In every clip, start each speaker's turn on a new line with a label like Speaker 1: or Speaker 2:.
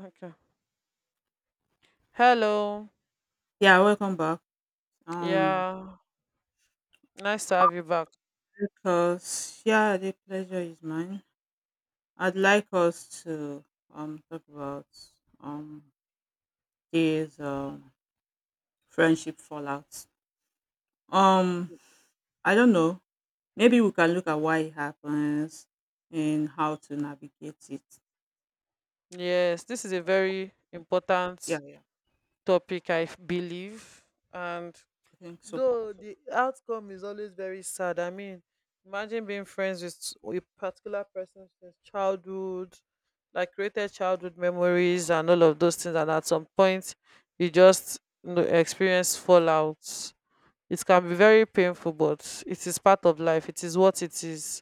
Speaker 1: Okay. Hello.
Speaker 2: Yeah, welcome back. Um,
Speaker 1: Yeah. Nice to have you back.
Speaker 2: because the pleasure is mine. I'd like us to talk about um these friendship fallouts. Um, I don't know. Maybe we can look at why it happens and how to navigate it.
Speaker 1: Yes, this is a very
Speaker 2: Yeah,
Speaker 1: important
Speaker 2: yeah,
Speaker 1: topic, I believe. And
Speaker 2: I think so.
Speaker 1: though the outcome is always very sad, I mean, imagine being friends with a particular person since childhood, like created childhood memories and all of those things. And at some point, you just experience fallouts. It can be very painful, but it is part of life. It is what it is,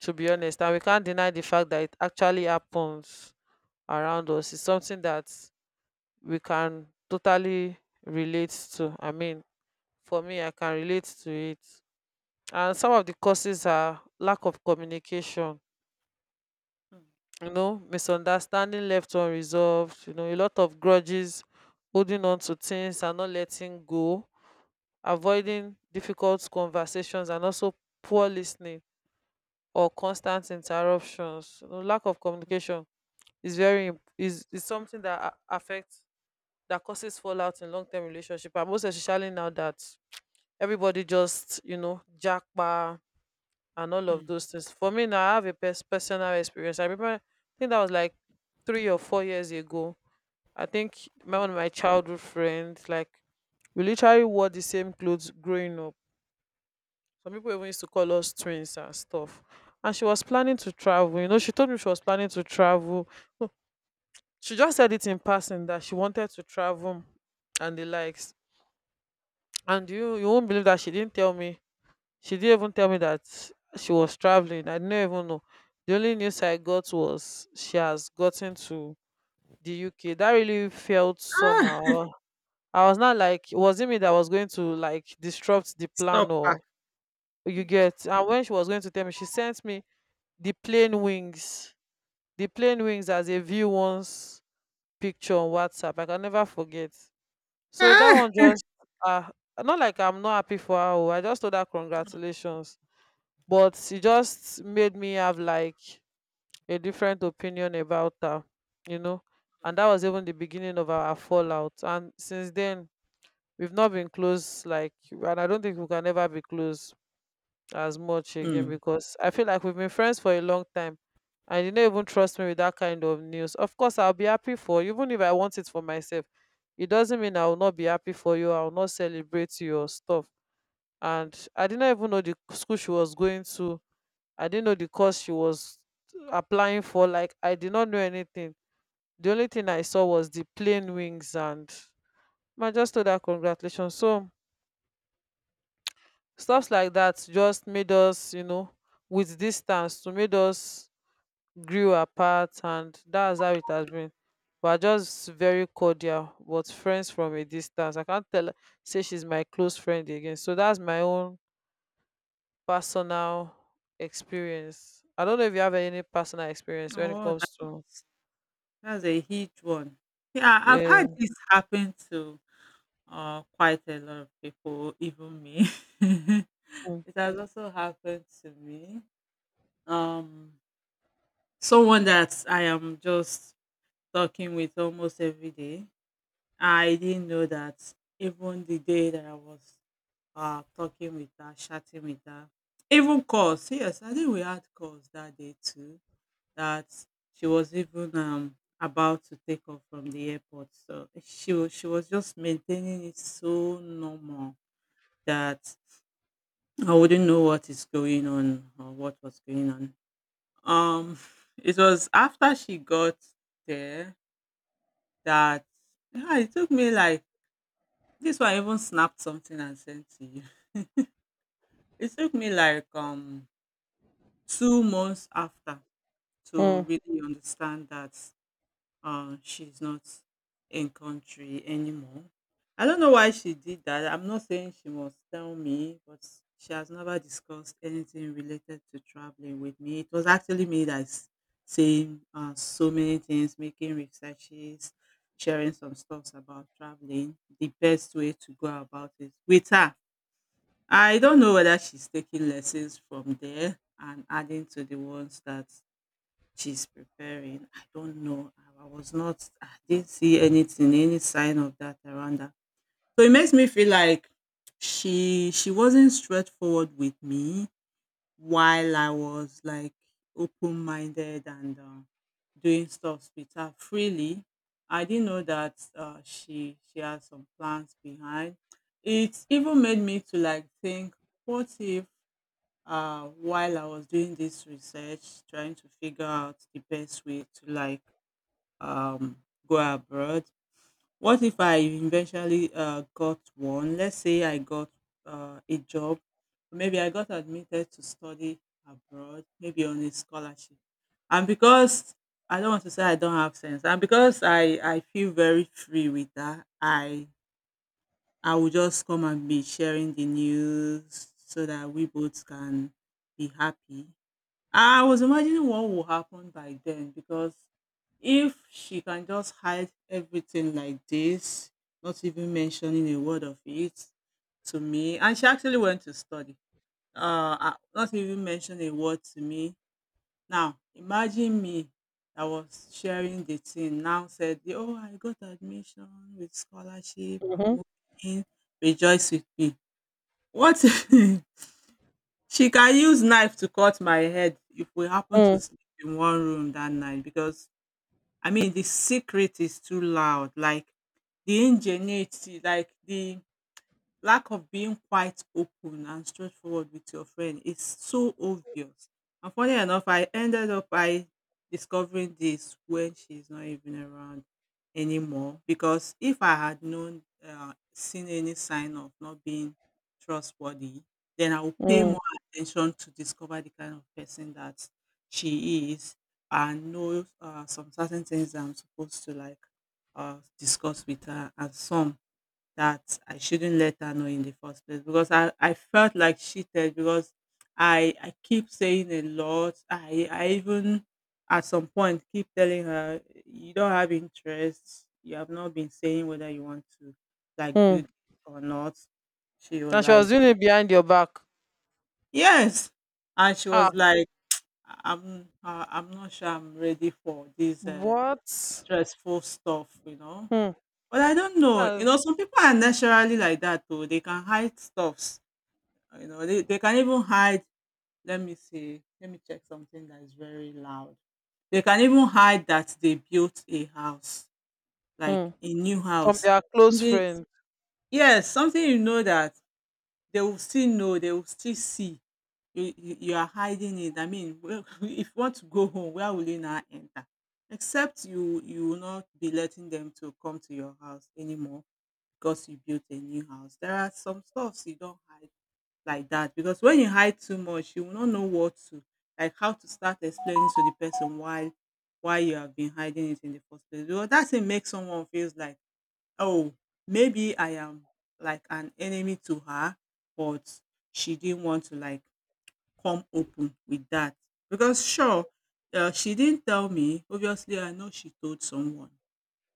Speaker 1: to be
Speaker 2: Yeah.
Speaker 1: honest, and we can't deny the fact that it actually happens around us. It's something that we can totally relate to. I mean, for me, I can relate to it. And some of the causes are lack of communication, misunderstanding left unresolved, a lot of grudges, holding on to things and not letting go, avoiding difficult conversations, and also poor listening or constant interruptions. Lack of communication is very imp- is something that a- affects that causes fallout in long-term relationship, and most especially now that everybody just jackpa and all
Speaker 2: Mm, mm,
Speaker 1: of
Speaker 2: mm.
Speaker 1: those things. For me now, I have a personal experience. I remember, I think that was like 3 or 4 years ago. I think my one of my childhood friends, like we literally wore the same clothes growing up. Some people even used to call us twins and stuff. And she was planning to travel. She told me she was planning to travel. She just said it in passing that she wanted to travel and the likes. And you won't believe that she didn't tell me. She didn't even tell me that she was traveling. I didn't even know. The only news I got was she has gotten to the UK. That really felt
Speaker 2: Ah,
Speaker 1: somehow. I was not like it wasn't me that was going to like disrupt the plan
Speaker 2: stop. Ah.
Speaker 1: or you get. And when she was going to tell me, she sent me the plane wings. The plane wings as a view once picture on WhatsApp. I can never forget. So that
Speaker 2: Ah.
Speaker 1: one just ah not like I'm not happy for her. Oh, I just told her congratulations, but she just made me have like a different opinion about her, you know. And that was even the beginning of our fallout. And since then, we've not been close, like, and I don't think we can ever be close as much again,
Speaker 2: Mm.
Speaker 1: because I feel like we've been friends for a long time and you don't even trust me with that kind of news. Of course, I'll be happy for you, even if I want it for myself. It doesn't mean I will not be happy for you, I will not celebrate your stuff. And I didn't even know the school she was going to. I didn't know the course she was applying for. Like, I did not know anything. The only thing I saw was the plain wings, and I just told her congratulations. So, stuffs like that just made us, with distance to made us grew apart, and that's how it has been. We are just very cordial but friends from a distance. I can't tell say she's my close friend again. So that's my own personal experience. I don't know if you have any personal experience when it
Speaker 2: Oh,
Speaker 1: comes to.
Speaker 2: that's a huge one. Yeah, I've had
Speaker 1: Yeah.
Speaker 2: this happen to quite a lot of people, even me.
Speaker 1: Mm.
Speaker 2: It has also happened to me. Um, someone that I am just talking with almost every day. I didn't know that even the day that I was talking with her, chatting with her, even calls. Yes, I think we had calls that day too. That she was even about to take off from the airport. So she was just maintaining it so normal that I wouldn't know what is going on or what was going on. Um, it was after she got there that yeah, it took me like this one I even snapped something and sent to you. It took me like 2 months after to
Speaker 1: Mm.
Speaker 2: really understand that she's not in country anymore. I don't know why she did that. I'm not saying she must tell me, but she has never discussed anything related to traveling with me. It was actually me that's saying so many things, making researches, sharing some stuffs about traveling, the best way to go about it with her. I don't know whether she's taking lessons from there and adding to the ones that she's preparing. I don't know. I was not, I didn't see anything, any sign of that around her. So it makes me feel like she wasn't straightforward with me while I was like open minded and doing stuff with her freely. I didn't know that she had some plans behind. It even made me to like think, what if while I was doing this research, trying to figure out the best way to like um, go abroad. What if I eventually got one? Let's say I got a job, maybe I got admitted to study abroad, maybe on a scholarship. And because I don't want to say I don't have sense, and because I feel very free with that, I will just come and be sharing the news so that we both can be happy. I was imagining what will happen by then because if she can just hide everything like this, not even mentioning a word of it to me, and she actually went to study, not even mention a word to me. Now, imagine me, I was sharing the thing now said, "Oh, I got admission with scholarship,
Speaker 1: Mhm.
Speaker 2: I'm moving, rejoice with me." What? She can use knife to cut my head if we happen to
Speaker 1: Mm.
Speaker 2: sleep in one room that night because I mean the secret is too loud. Like the ingenuity, like the lack of being quite open and straightforward with your friend is so obvious. And funny enough, I ended up by discovering this when she's not even around anymore. Because if I had known, seen any sign of not being trustworthy, then I would pay
Speaker 1: Mm.
Speaker 2: more attention to discover the kind of person that she is and know some certain things that I'm supposed to like discuss with her and some that I shouldn't let her know in the first place because I felt like cheated because I keep saying a lot. I even at some point keep telling her you don't have interest. You have not been saying whether you want to like
Speaker 1: Mm.
Speaker 2: do this or not. She was
Speaker 1: And she was
Speaker 2: like
Speaker 1: doing it behind your back.
Speaker 2: yes, and she
Speaker 1: Ah.
Speaker 2: was like I'm not sure I'm ready for this
Speaker 1: What?
Speaker 2: stressful stuff. You know,
Speaker 1: Hmm.
Speaker 2: but I don't know. You
Speaker 1: That's.
Speaker 2: know, some people are naturally like that too. They can hide stuffs. You know, they can even hide. Let me see. Let me check something that is very loud. They can even hide that they built a house, like
Speaker 1: Mm.
Speaker 2: a new
Speaker 1: From
Speaker 2: house.
Speaker 1: their close
Speaker 2: Something,
Speaker 1: friend.
Speaker 2: yes, something you know that they will still know, they will still see. You are hiding it. I mean, if you want to go home, where will you now enter? Except you will not be letting them to come to your house anymore because you built a new house. There are some stuffs you don't hide like that because when you hide too much, you will not know what to like how to start explaining to the person why you have been hiding it in the first place. Because that thing makes someone feels like, oh, maybe I am like an enemy to her, but she didn't want to like come open with that. Because sure, she didn't tell me. Obviously, I know she told someone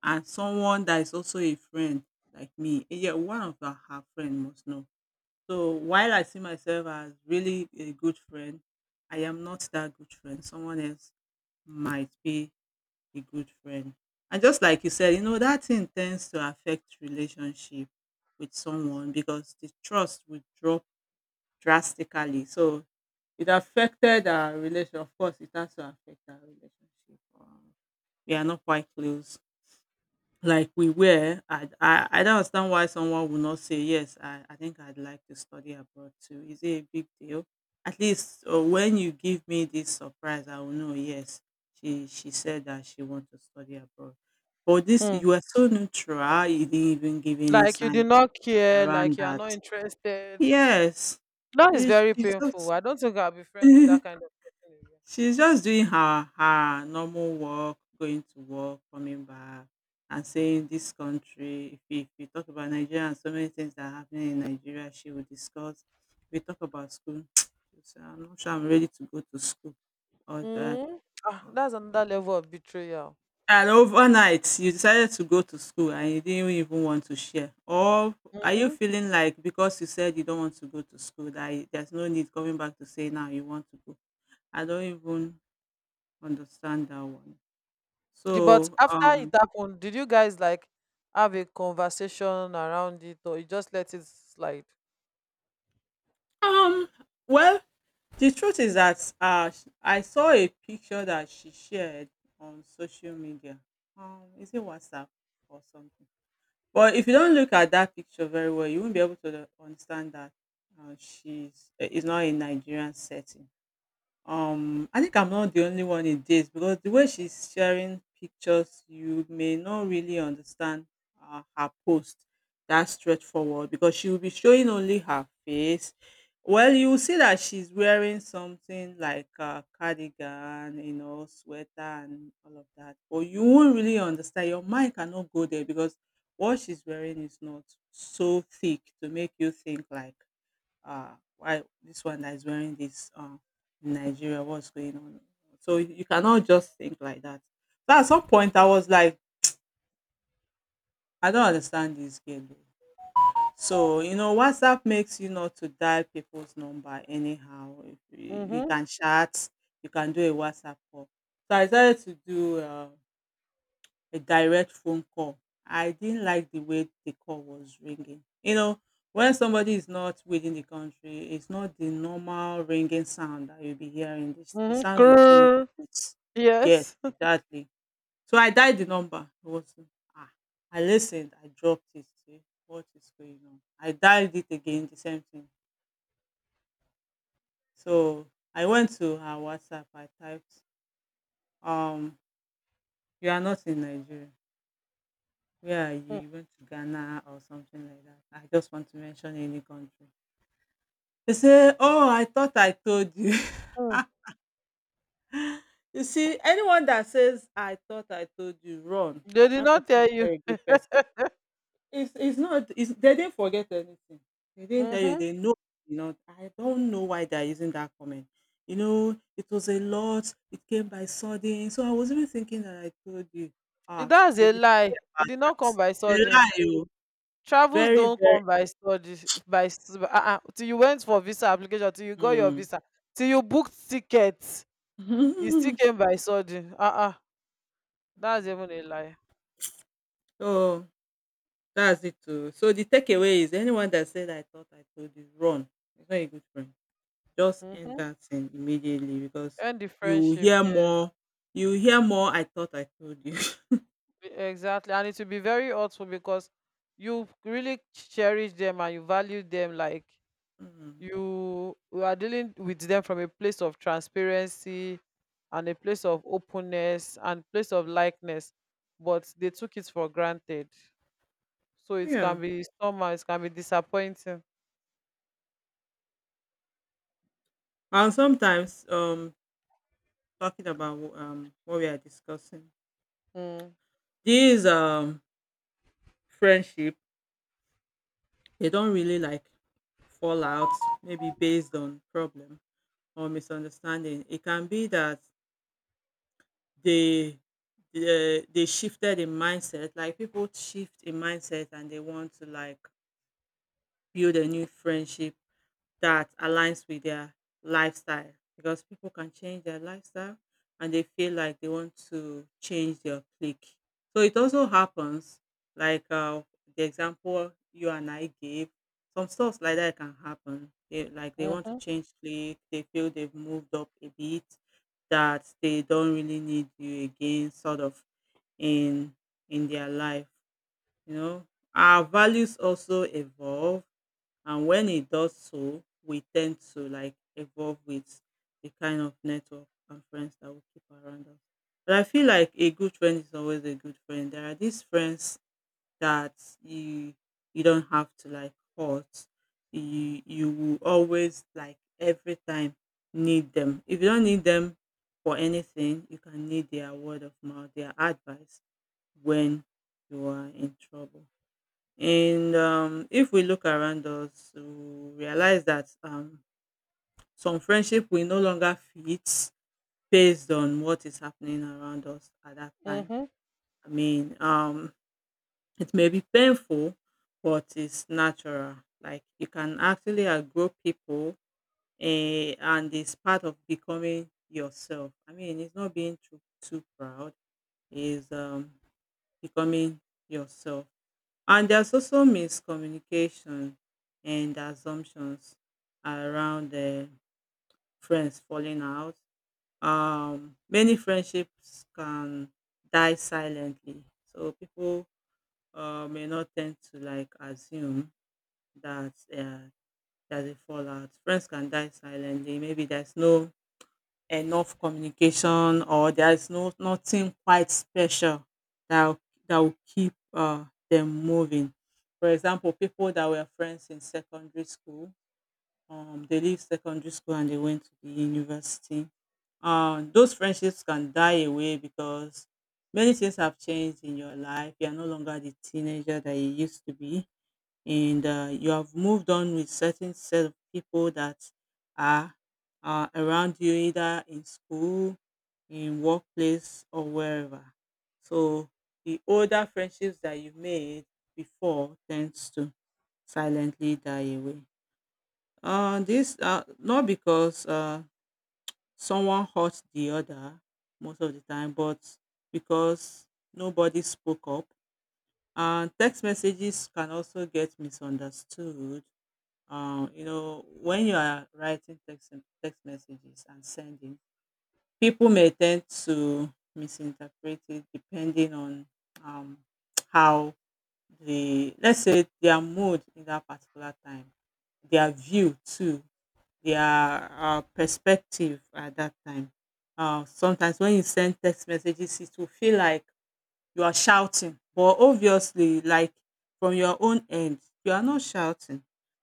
Speaker 2: and someone that is also a friend like me. Eh, yeah, one of her friend must know. So while I see myself as really a good friend, I am not that good friend. Someone else might be a good friend. And just like you said, you know, that thing tends to affect relationship with someone because the trust will drop drastically. So it affected our relation. Of course, it has to affect our relationship. We are not quite close like we were. I don't understand why someone would not say, yes, I think I'd like to study abroad too. Is it a big deal? At least when you give me this surprise, I will know, yes, she said that she wants to study abroad. But this,
Speaker 1: Hmm.
Speaker 2: you were so neutral, you didn't even give any
Speaker 1: Like you did
Speaker 2: sign
Speaker 1: not care, like
Speaker 2: around
Speaker 1: you are
Speaker 2: that.
Speaker 1: not interested.
Speaker 2: Yes,
Speaker 1: That is very
Speaker 2: it's
Speaker 1: painful. I don't think I'll be friends with that
Speaker 2: just.
Speaker 1: kind of person again.
Speaker 2: She's just doing her normal work, going to work, coming back, and saying this country. If we talk about Nigeria and so many things that are happening in Nigeria, she will discuss. If we talk about school, she'll say, I'm not sure I'm ready to go to school. All that.
Speaker 1: Mm. Ah, that's another level of betrayal.
Speaker 2: And overnight, you decided to go to school and you didn't even want to share. Or are you
Speaker 1: Mm-hmm.
Speaker 2: feeling like because you said you don't want to go to school, that there's no need coming back to say now you want to go? I don't even understand that one.
Speaker 1: But
Speaker 2: So,
Speaker 1: after it happened, did you guys like have a conversation around it, or you just let it slide?
Speaker 2: um, well, the truth is that I saw a picture that she shared on social media. Is it WhatsApp or something? But if you don't look at that picture very well, you won't be able to understand that she's is not a Nigerian setting. I think I'm not the only one it dates because the way she's sharing pictures, you may not really understand her post that straightforward because she will be showing only her face. Well, you will see that she's wearing something like a cardigan, you know, sweater and all of that. But you won't really understand. Your mind cannot go there because what she's wearing is not so thick to make you think like why this one that is wearing this in Nigeria, what's going on? So you cannot just think like that. So at some point, I was like, I don't understand this girl. Oh. So you know, WhatsApp makes you not to dial people's number anyhow. If you, you
Speaker 1: Mm-hmm.
Speaker 2: can chat, you can do a WhatsApp call. So I decided to do. A direct phone call. I didn't like the way the call was ringing. You know, when somebody is not within the country, it's not the normal ringing sound that you'll be hearing. This the sound will change
Speaker 1: Mm-hmm.
Speaker 2: a bit. Yes,
Speaker 1: Yes.
Speaker 2: exactly. So I dialed the number. It was ah. I listened. I dropped it. See what is going on. I dialed it again. The same thing. So I went to her WhatsApp. I typed, um, you are not in Nigeria. Yeah, you went to Ghana or something like that. I just want to mention any country. They say, oh, I thought I told you.
Speaker 1: Mm-hmm.
Speaker 2: You see, anyone that says, I thought I told you, run.
Speaker 1: They did
Speaker 2: That
Speaker 1: not
Speaker 2: person is
Speaker 1: tell
Speaker 2: not
Speaker 1: you.
Speaker 2: a good person. It's not, it's, they didn't forget anything. They didn't tell you,
Speaker 1: Mm-hmm.
Speaker 2: they know, you know. I don't know why they're using that comment. You know, it was a lot, it came by sudden. So I was even thinking that I told you.
Speaker 1: Eh,
Speaker 2: Ah, it's
Speaker 1: that's a
Speaker 2: really
Speaker 1: lie.
Speaker 2: sorry
Speaker 1: It
Speaker 2: about
Speaker 1: did not come
Speaker 2: that.
Speaker 1: by
Speaker 2: It's a
Speaker 1: sudden.
Speaker 2: lie, oh.
Speaker 1: Travels
Speaker 2: Very,
Speaker 1: don't
Speaker 2: very.
Speaker 1: come by study uh-uh, till you went for visa application, till you got your
Speaker 2: Mm.
Speaker 1: visa, till you booked tickets. He still came by sudden. Uh-uh. That's even a lie.
Speaker 2: So that's it too. So the takeaway is anyone that said I thought I told you, run. It's not a good friend. Just end
Speaker 1: Mm-hmm.
Speaker 2: that thing immediately because
Speaker 1: End the
Speaker 2: you will
Speaker 1: friendship.
Speaker 2: hear
Speaker 1: Yes,
Speaker 2: more. You will hear more. I thought I told you.
Speaker 1: exactly. And it will be very hurtful because you really cherish them and you value them. Like
Speaker 2: Mm.
Speaker 1: you are dealing with them from a place of transparency, and a place of openness and place of likeness, but they took it for granted. So it
Speaker 2: Yeah.
Speaker 1: can be somehow, it can be disappointing.
Speaker 2: And sometimes, talking about what we are discussing,
Speaker 1: Mm.
Speaker 2: these friendship they don't really like fallout, maybe based on problem or misunderstanding. It can be that they they shifted in mindset, like people shift in mindset and they want to like build a new friendship that aligns with their lifestyle, because people can change their lifestyle and they feel like they want to change their clique. So it also happens, like the example you and I gave, some stuff like that can happen. They want to
Speaker 1: Mm-hmm.
Speaker 2: change clique, they feel they've moved up a bit, that they don't really need you again, sort of in in their life. You know, our values also evolve, and when it does so we tend to like evolve with the kind of network and friends that we keep around us. But I feel like a good friend is always a good friend. There are these friends that you you don't have to like hurt. You will always like every time need them. If you don't need them for anything, you can need their word of mouth, their advice when you are in trouble. And if we look around us, we realize that some friendship will no longer fit based on what is happening around us at that time.
Speaker 1: Mm-hmm.
Speaker 2: I mean, it may be painful, but it's natural. Like you can actually outgrow people, and it's part of becoming yourself. I mean, it's not being too proud. It's becoming yourself. And there's also miscommunication and assumptions around the friends falling out. Many friendships can die silently, so people may not tend to like assume that there's a fallout. Friends can die silently. Maybe there's no enough communication, or there is no nothing quite special that will- that will keep them moving. For example, people that were friends in secondary school, they leave secondary school and they went to the university. Those friendships can die away because many things have changed in your life. You are no longer the teenager that you used to be, and you have moved on with certain set of people that are around you, either in school, in workplace or wherever. So the older friendships that you made before tends to silently die away, this not because someone hurt the other most of the time, but because nobody spoke up. And text messages can also get misunderstood. You know, when you are writing text messages and sending, people may tend to misinterpret it depending on um, how the let's say their mood in that particular time, their view too, their perspective at that time. Sometimes when you send text messages, it will feel like you are shouting, but obviously like from your own end you are not shouting.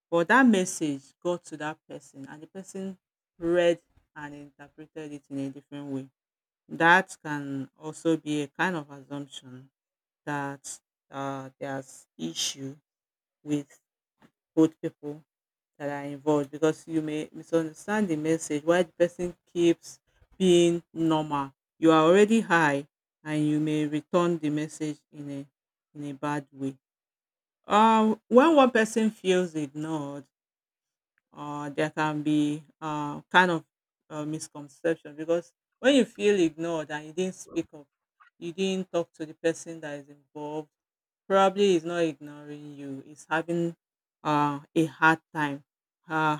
Speaker 2: But that message got to that person and the person read and interpreted it in a different way. That can also be a kind of assumption that there's issue with both people that are involved, because you may misunderstand the message while the person keeps being normal. You are already high and you may return the message in a bad way. When one person feels ignored, there can be kind of misconception, because when you feel ignored and you didn't speak up, you didn't talk to the person that is involved, probably is not ignoring you, is having a hard time. Uh,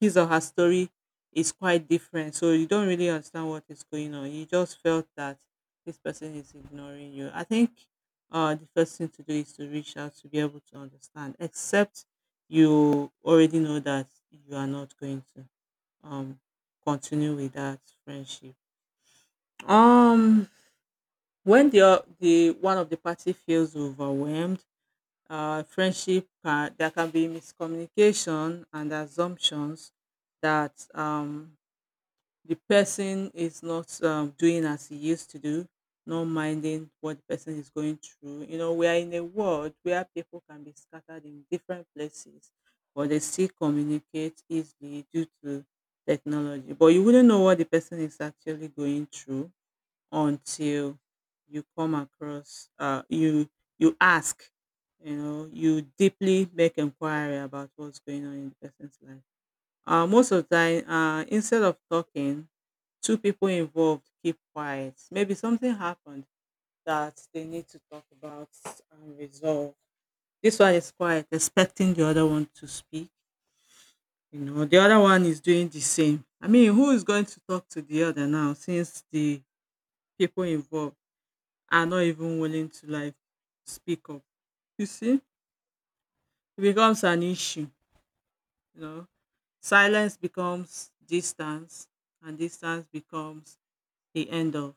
Speaker 2: his or her story is quite different. So you don't really understand what is going on. You just felt that this person is ignoring you. I think the first thing to do is to reach out to be able to understand, except you already know that you are not going to um, continue with that friendship. Um, when the o- the one of the party feels overwhelmed, friendship there can be miscommunication and assumptions that the person is not doing as he used to do, not minding what the person is going through. You know, we are in a world where people can be scattered in different places, but they still communicate easily due to technology. But you wouldn't know what the person is actually going through until you come across, uh, you you ask, you know, you deeply make inquiry about what's going on in the person's life. Most of the time, instead of talking, two people involved keep quiet. Maybe something happened that they need to talk about and resolve. This one is quiet, expecting the other one to speak. You know, the other one is doing the same. I mean, who is going to talk to the other now, since the people involved are not even willing to like speak up? You see, it becomes an issue. You know, silence becomes distance, and distance becomes the end of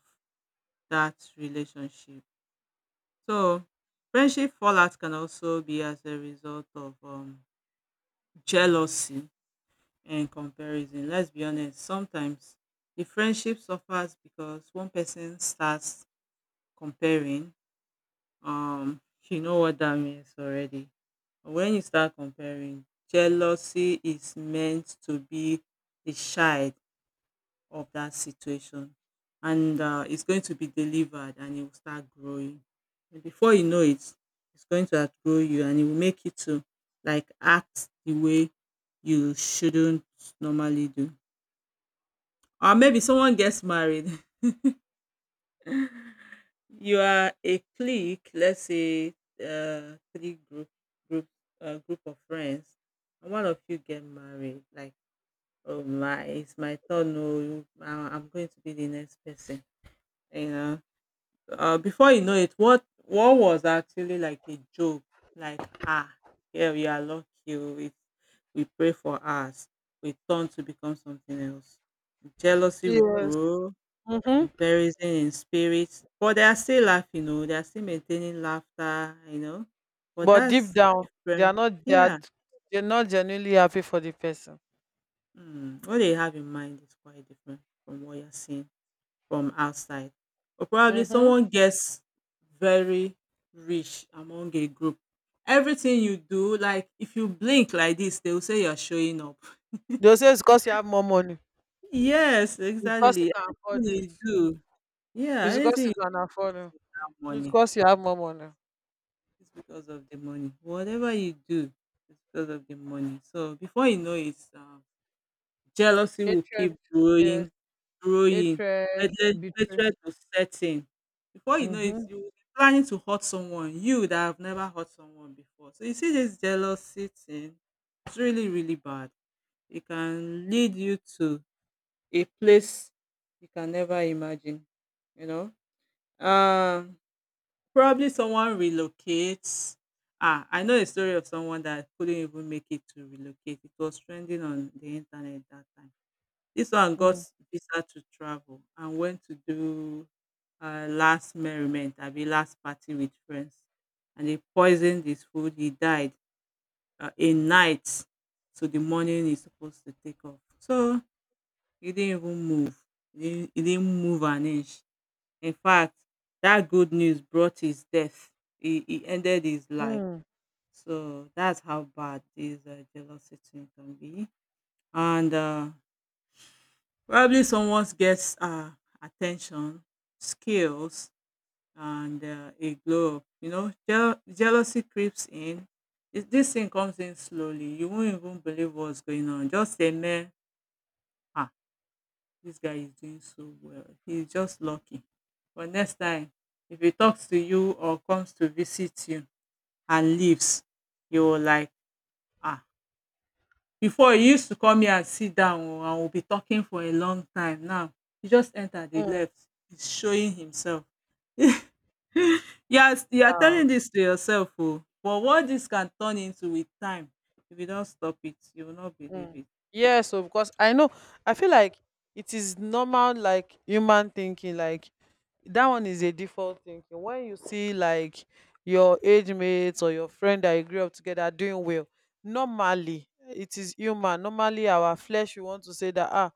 Speaker 2: that relationship. So friendship fallout can also be as a result of jealousy and comparison. Let's be honest, sometimes the friendship suffers because one person starts comparing. You know what that means already. When you start comparing, jealousy is meant to be the child of that situation, and it's going to be delivered and it will start growing, and before you know it, it's going to outgrow you and it will make you to like act the way you shouldn't normally do. Or maybe someone gets married, you are a clique, let's say three group group of friends, and one of you get married, like, oh my, it's my turn, oh, I'm going to be the next person, you know. Before you know it, what was actually like a joke, like, ah, yeah, we are lucky. Oh, we pray for us. We turn to become something else. Jealousy will
Speaker 1: Yes.
Speaker 2: grow,
Speaker 1: Mm-hmm.
Speaker 2: comparison in spirits, but they are still laughing. You know, they are still maintaining laughter. You know, but
Speaker 1: But deep
Speaker 2: that's
Speaker 1: down, they are
Speaker 2: different.
Speaker 1: not they
Speaker 2: Yeah,
Speaker 1: are they're not genuinely happy for the person.
Speaker 2: mm, what they have in mind is quite different from what you're seeing from outside. Or probably
Speaker 1: Mm-hmm.
Speaker 2: someone gets very rich among a group. Everything you do, like if you blink like this, they will say you're showing up.
Speaker 1: They'll say it's because you have more money.
Speaker 2: Yes,
Speaker 1: It's because you
Speaker 2: exactly,
Speaker 1: can afford
Speaker 2: anything
Speaker 1: it.
Speaker 2: you do. Yeah,
Speaker 1: It's because
Speaker 2: anything
Speaker 1: you
Speaker 2: you do
Speaker 1: can
Speaker 2: is
Speaker 1: afford
Speaker 2: because
Speaker 1: it.
Speaker 2: of that
Speaker 1: It's
Speaker 2: money.
Speaker 1: because you have more money.
Speaker 2: It's because of the money, whatever you do. It's because of the money. So before you know it, jealousy will
Speaker 1: Hatred,
Speaker 2: keep
Speaker 1: yes.
Speaker 2: growing.
Speaker 1: Hatred,
Speaker 2: Hatred
Speaker 1: betrayal.
Speaker 2: hatred will set in. Before you know it,
Speaker 1: Mm-hmm.
Speaker 2: you will be planning to hurt someone, you that have never hurt someone before. So you see, this jealousy thing, it's really, really bad. It can lead you to a place you can never imagine, you know. Um, probably someone relocates. Ah, I know a story of someone that couldn't even make it to relocate. It was trending on the internet that time. This one got
Speaker 1: Mm.
Speaker 2: visa to travel and went to do last merriment, abi last party with friends. And he poisoned his food. He died in night. So the morning he's supposed to take off. So he didn't even move. He didn't move an inch. In fact, that good news brought his death. He ended his life.
Speaker 1: Mm.
Speaker 2: So that's how bad this jealousy thing can be. And probably someone gets attention, skills, and a glow up. You know, jealousy creeps in. This thing comes in slowly. You won't even believe what's going on. Just a man, ah, this guy is doing so well. He's just lucky. But next time, if he talks to you or comes to visit you and leaves, you're like, ah, before he used to come here and sit down o and we'll be talking for a long time. Now he just entered dey
Speaker 1: Mm.
Speaker 2: left. He's showing himself. Yes, you are
Speaker 1: Ah.
Speaker 2: telling this to yourself, oh, but what this can turn into with time, if you don't stop it, you will not believe
Speaker 1: Mm.
Speaker 2: it.
Speaker 1: Yes, of course. I know. I feel like it is normal, like human thinking. Like that one is a default thinking when you see like your age mates or your friend that you grew up together doing well. Normally, it is human, normally our flesh, we want to say that,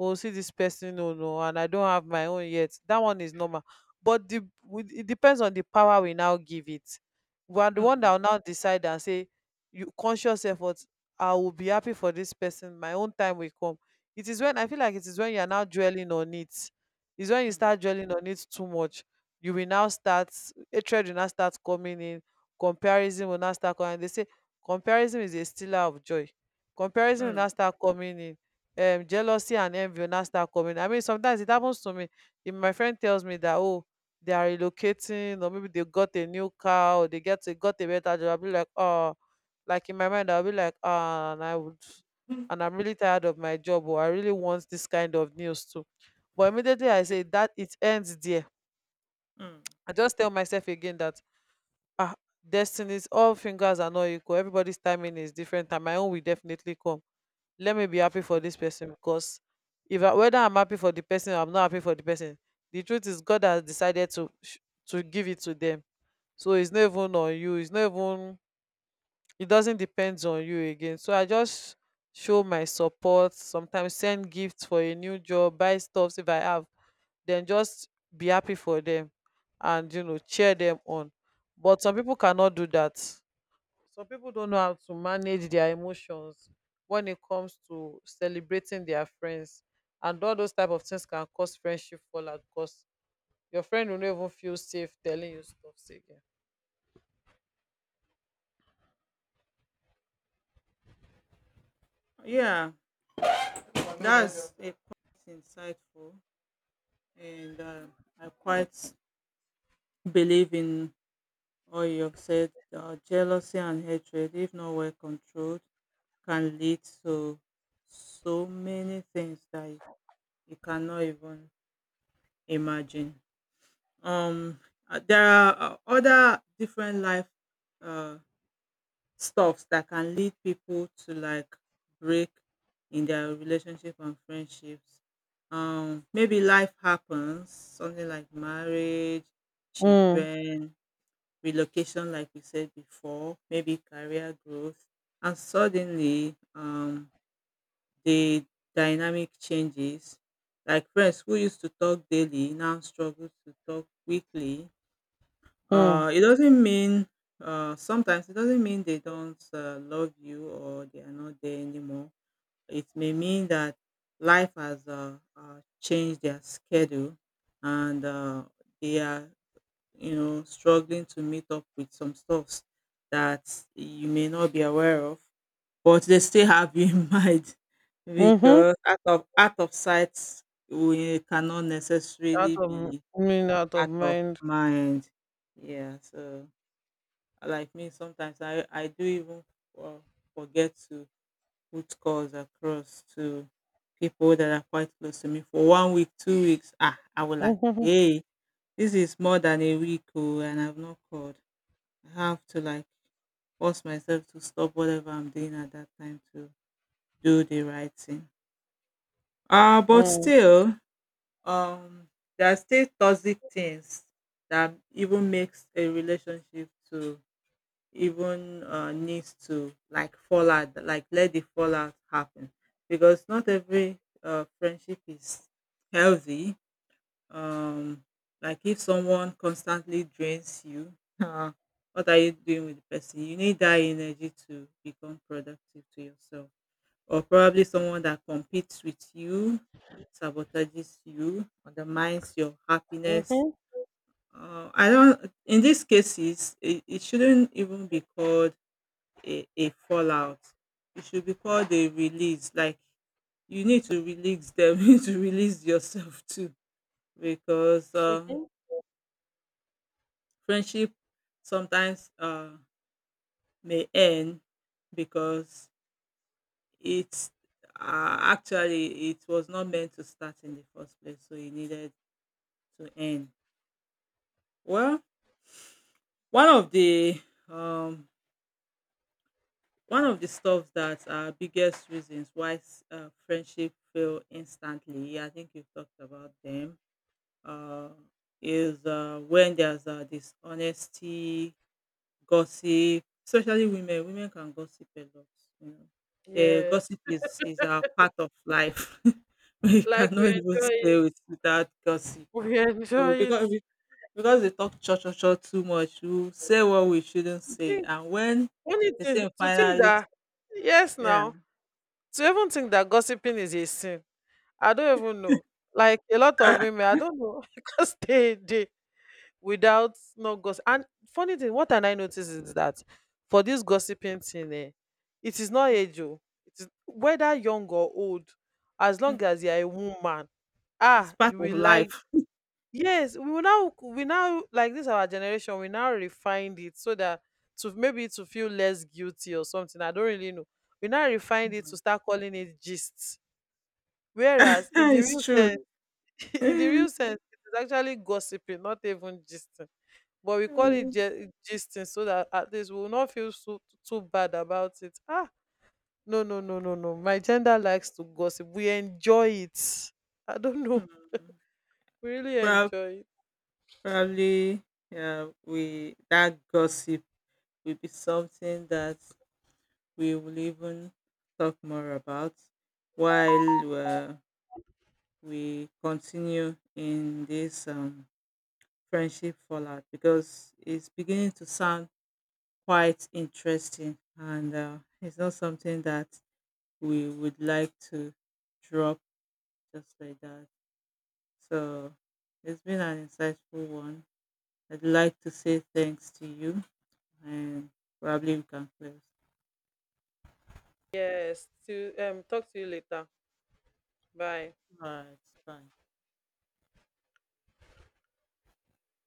Speaker 1: oh, see this person, no, no, and I don't have my own yet. That one is normal, but it depends on the power we now give it. We are the one that
Speaker 2: Mm,
Speaker 1: will now decide and say, you, conscious effort, I will be happy for this person, my own time will come. It is when I feel like it is when you are now dwelling on it. It's when you start dwelling on it too much, you will now start, hatred will now start coming in, comparison will now start coming. They say comparison is a stealer of joy. Comparison will
Speaker 2: mm,
Speaker 1: now start coming in. Jealousy and envy will now start coming. I mean, sometimes it happens to me. If my friend tells me that, oh, they are relocating, or maybe they got a new car, or they got a better job, I'll be like, oh, like in my mind, I'll be like, ah, and I would,
Speaker 2: mm,
Speaker 1: and I'm really tired of my job, or I really want this kind of news too. But immediately I say that, it ends there.
Speaker 2: mm.
Speaker 1: I just tell myself again that ah, destinies, all fingers are not equal, everybody's timing is different, and my own will definitely come. Let me be happy for this person, because if I, whether I'm happy for the person or I'm not happy for the person, the truth is, God has decided to give it to them. So it's not even on you, it's not even it doesn't depend on you again. So I just show my support, sometimes send gifts for a new job, buy stuffs if I have. Then just be happy for them, and cheer them on. But some people cannot do that. Some people don't know how to manage their emotions when it comes to celebrating their friends, and all those type of things can cause friendship fallout, because your friend will not even feel safe telling you stuff again.
Speaker 2: Yeah, that's a quite insightful, and I quite believe in all you have said. Jealousy and hatred, if not well controlled, can lead to so many things that you cannot even imagine. Um, there are other different life uh, stuffs that can lead people to like break in their relationship and friendships. Maybe life happens, something like marriage,
Speaker 1: Mm.
Speaker 2: children, relocation, like we said before, maybe career growth, and suddenly the dynamic changes. Like friends who used to talk daily now struggle to talk weekly.
Speaker 1: Mm.
Speaker 2: It doesn't mean, sometimes it doesn't mean they don't love you or they are not there anymore. It may mean that life has changed their schedule, and they are, you know, struggling to meet up with some stuffs that you may not be aware of, but they still have you in mind,
Speaker 1: Mm-hmm.
Speaker 2: because out of sight, we cannot
Speaker 1: out
Speaker 2: necessarily
Speaker 1: of m-
Speaker 2: be
Speaker 1: mean out of
Speaker 2: out of
Speaker 1: mind.
Speaker 2: mind. Yeah, so like me sometimes I do even uh, forget to put calls across to people that are quite close to me for 1 week, 2 weeks. Ah, I will like,
Speaker 1: Mm-hmm.
Speaker 2: hey, this is more than a week oh, and I've not called. I have to like force myself to stop whatever I'm doing at that time to do the right thing. But
Speaker 1: Mm.
Speaker 2: still, um, there are still toxic things that even makes a relationship to even needs to like fall out, like let the fallout happen, because not every friendship is healthy. Um, like if someone constantly drains you, uh, what are you doing with the person? You need that energy to become productive to yourself. Or probably someone that competes with you, sabotages you, undermines your happiness.
Speaker 1: Mm-hmm.
Speaker 2: I don't. In these cases, it shouldn't even be called a fallout. It should be called a release. Like, you need to release them. You need to release yourself too, because
Speaker 1: Mm-hmm.
Speaker 2: friendship sometimes may end because it's actually it was not meant to start in the first place, so it needed to end well. one of the um one of the stuff that are biggest reasons why friendship fail instantly, I think you've talked about them, uh is when there's dishonesty. Gossip, especially women, women can gossip a lot, you know. The
Speaker 1: Yes,
Speaker 2: gossip is a part of life. We
Speaker 1: like we
Speaker 2: cannot even
Speaker 1: enjoy
Speaker 2: stay
Speaker 1: it.
Speaker 2: with without gossip.
Speaker 1: We
Speaker 2: So
Speaker 1: enjoy it.
Speaker 2: because we, because they talk cho cho cho too much, we say what we shouldn't
Speaker 1: To
Speaker 2: say,
Speaker 1: think.
Speaker 2: and when
Speaker 1: Funny
Speaker 2: the
Speaker 1: thing
Speaker 2: same
Speaker 1: to think
Speaker 2: finally,
Speaker 1: that, yes,
Speaker 2: yeah,
Speaker 1: now, to even think that gossiping is a sin. I don't even know, like, a lot of women, I don't know, because they without no gossip. And funny thing, what and I notice is that for this gossiping thing, eh, it is not age, o, it is whether young or old. As long
Speaker 2: mm,
Speaker 1: as you are a woman, ah,
Speaker 2: it's part
Speaker 1: you
Speaker 2: of
Speaker 1: will like.
Speaker 2: life.
Speaker 1: Yes, we now, like, this our generation, we now refined it so that to feel less guilty or something. I don't really know. We now refined it to
Speaker 2: Mm.
Speaker 1: start calling it gist. Whereas in the real
Speaker 2: it's true.
Speaker 1: sense, in the
Speaker 2: Mm.
Speaker 1: real sense, it is actually gossiping, not even gisting. But we call it
Speaker 2: Mm.
Speaker 1: gisting so that at least we will not feel so too bad about it. Ah, no, no, no, no, no. My gender likes to gossip. We enjoy it. I don't know. We really
Speaker 2: Prob-
Speaker 1: enjoy it.
Speaker 2: probably, yeah, we that gossip will be something that we will even talk more about while we continue in this friendship fallout, because it's beginning to sound quite interesting, and it's not something that we would like to drop just like that. So it's been an insightful one. I'd like to say thanks to you, and probably we can close.
Speaker 1: Yes, to talk to you later. Bye.
Speaker 2: All right, bye.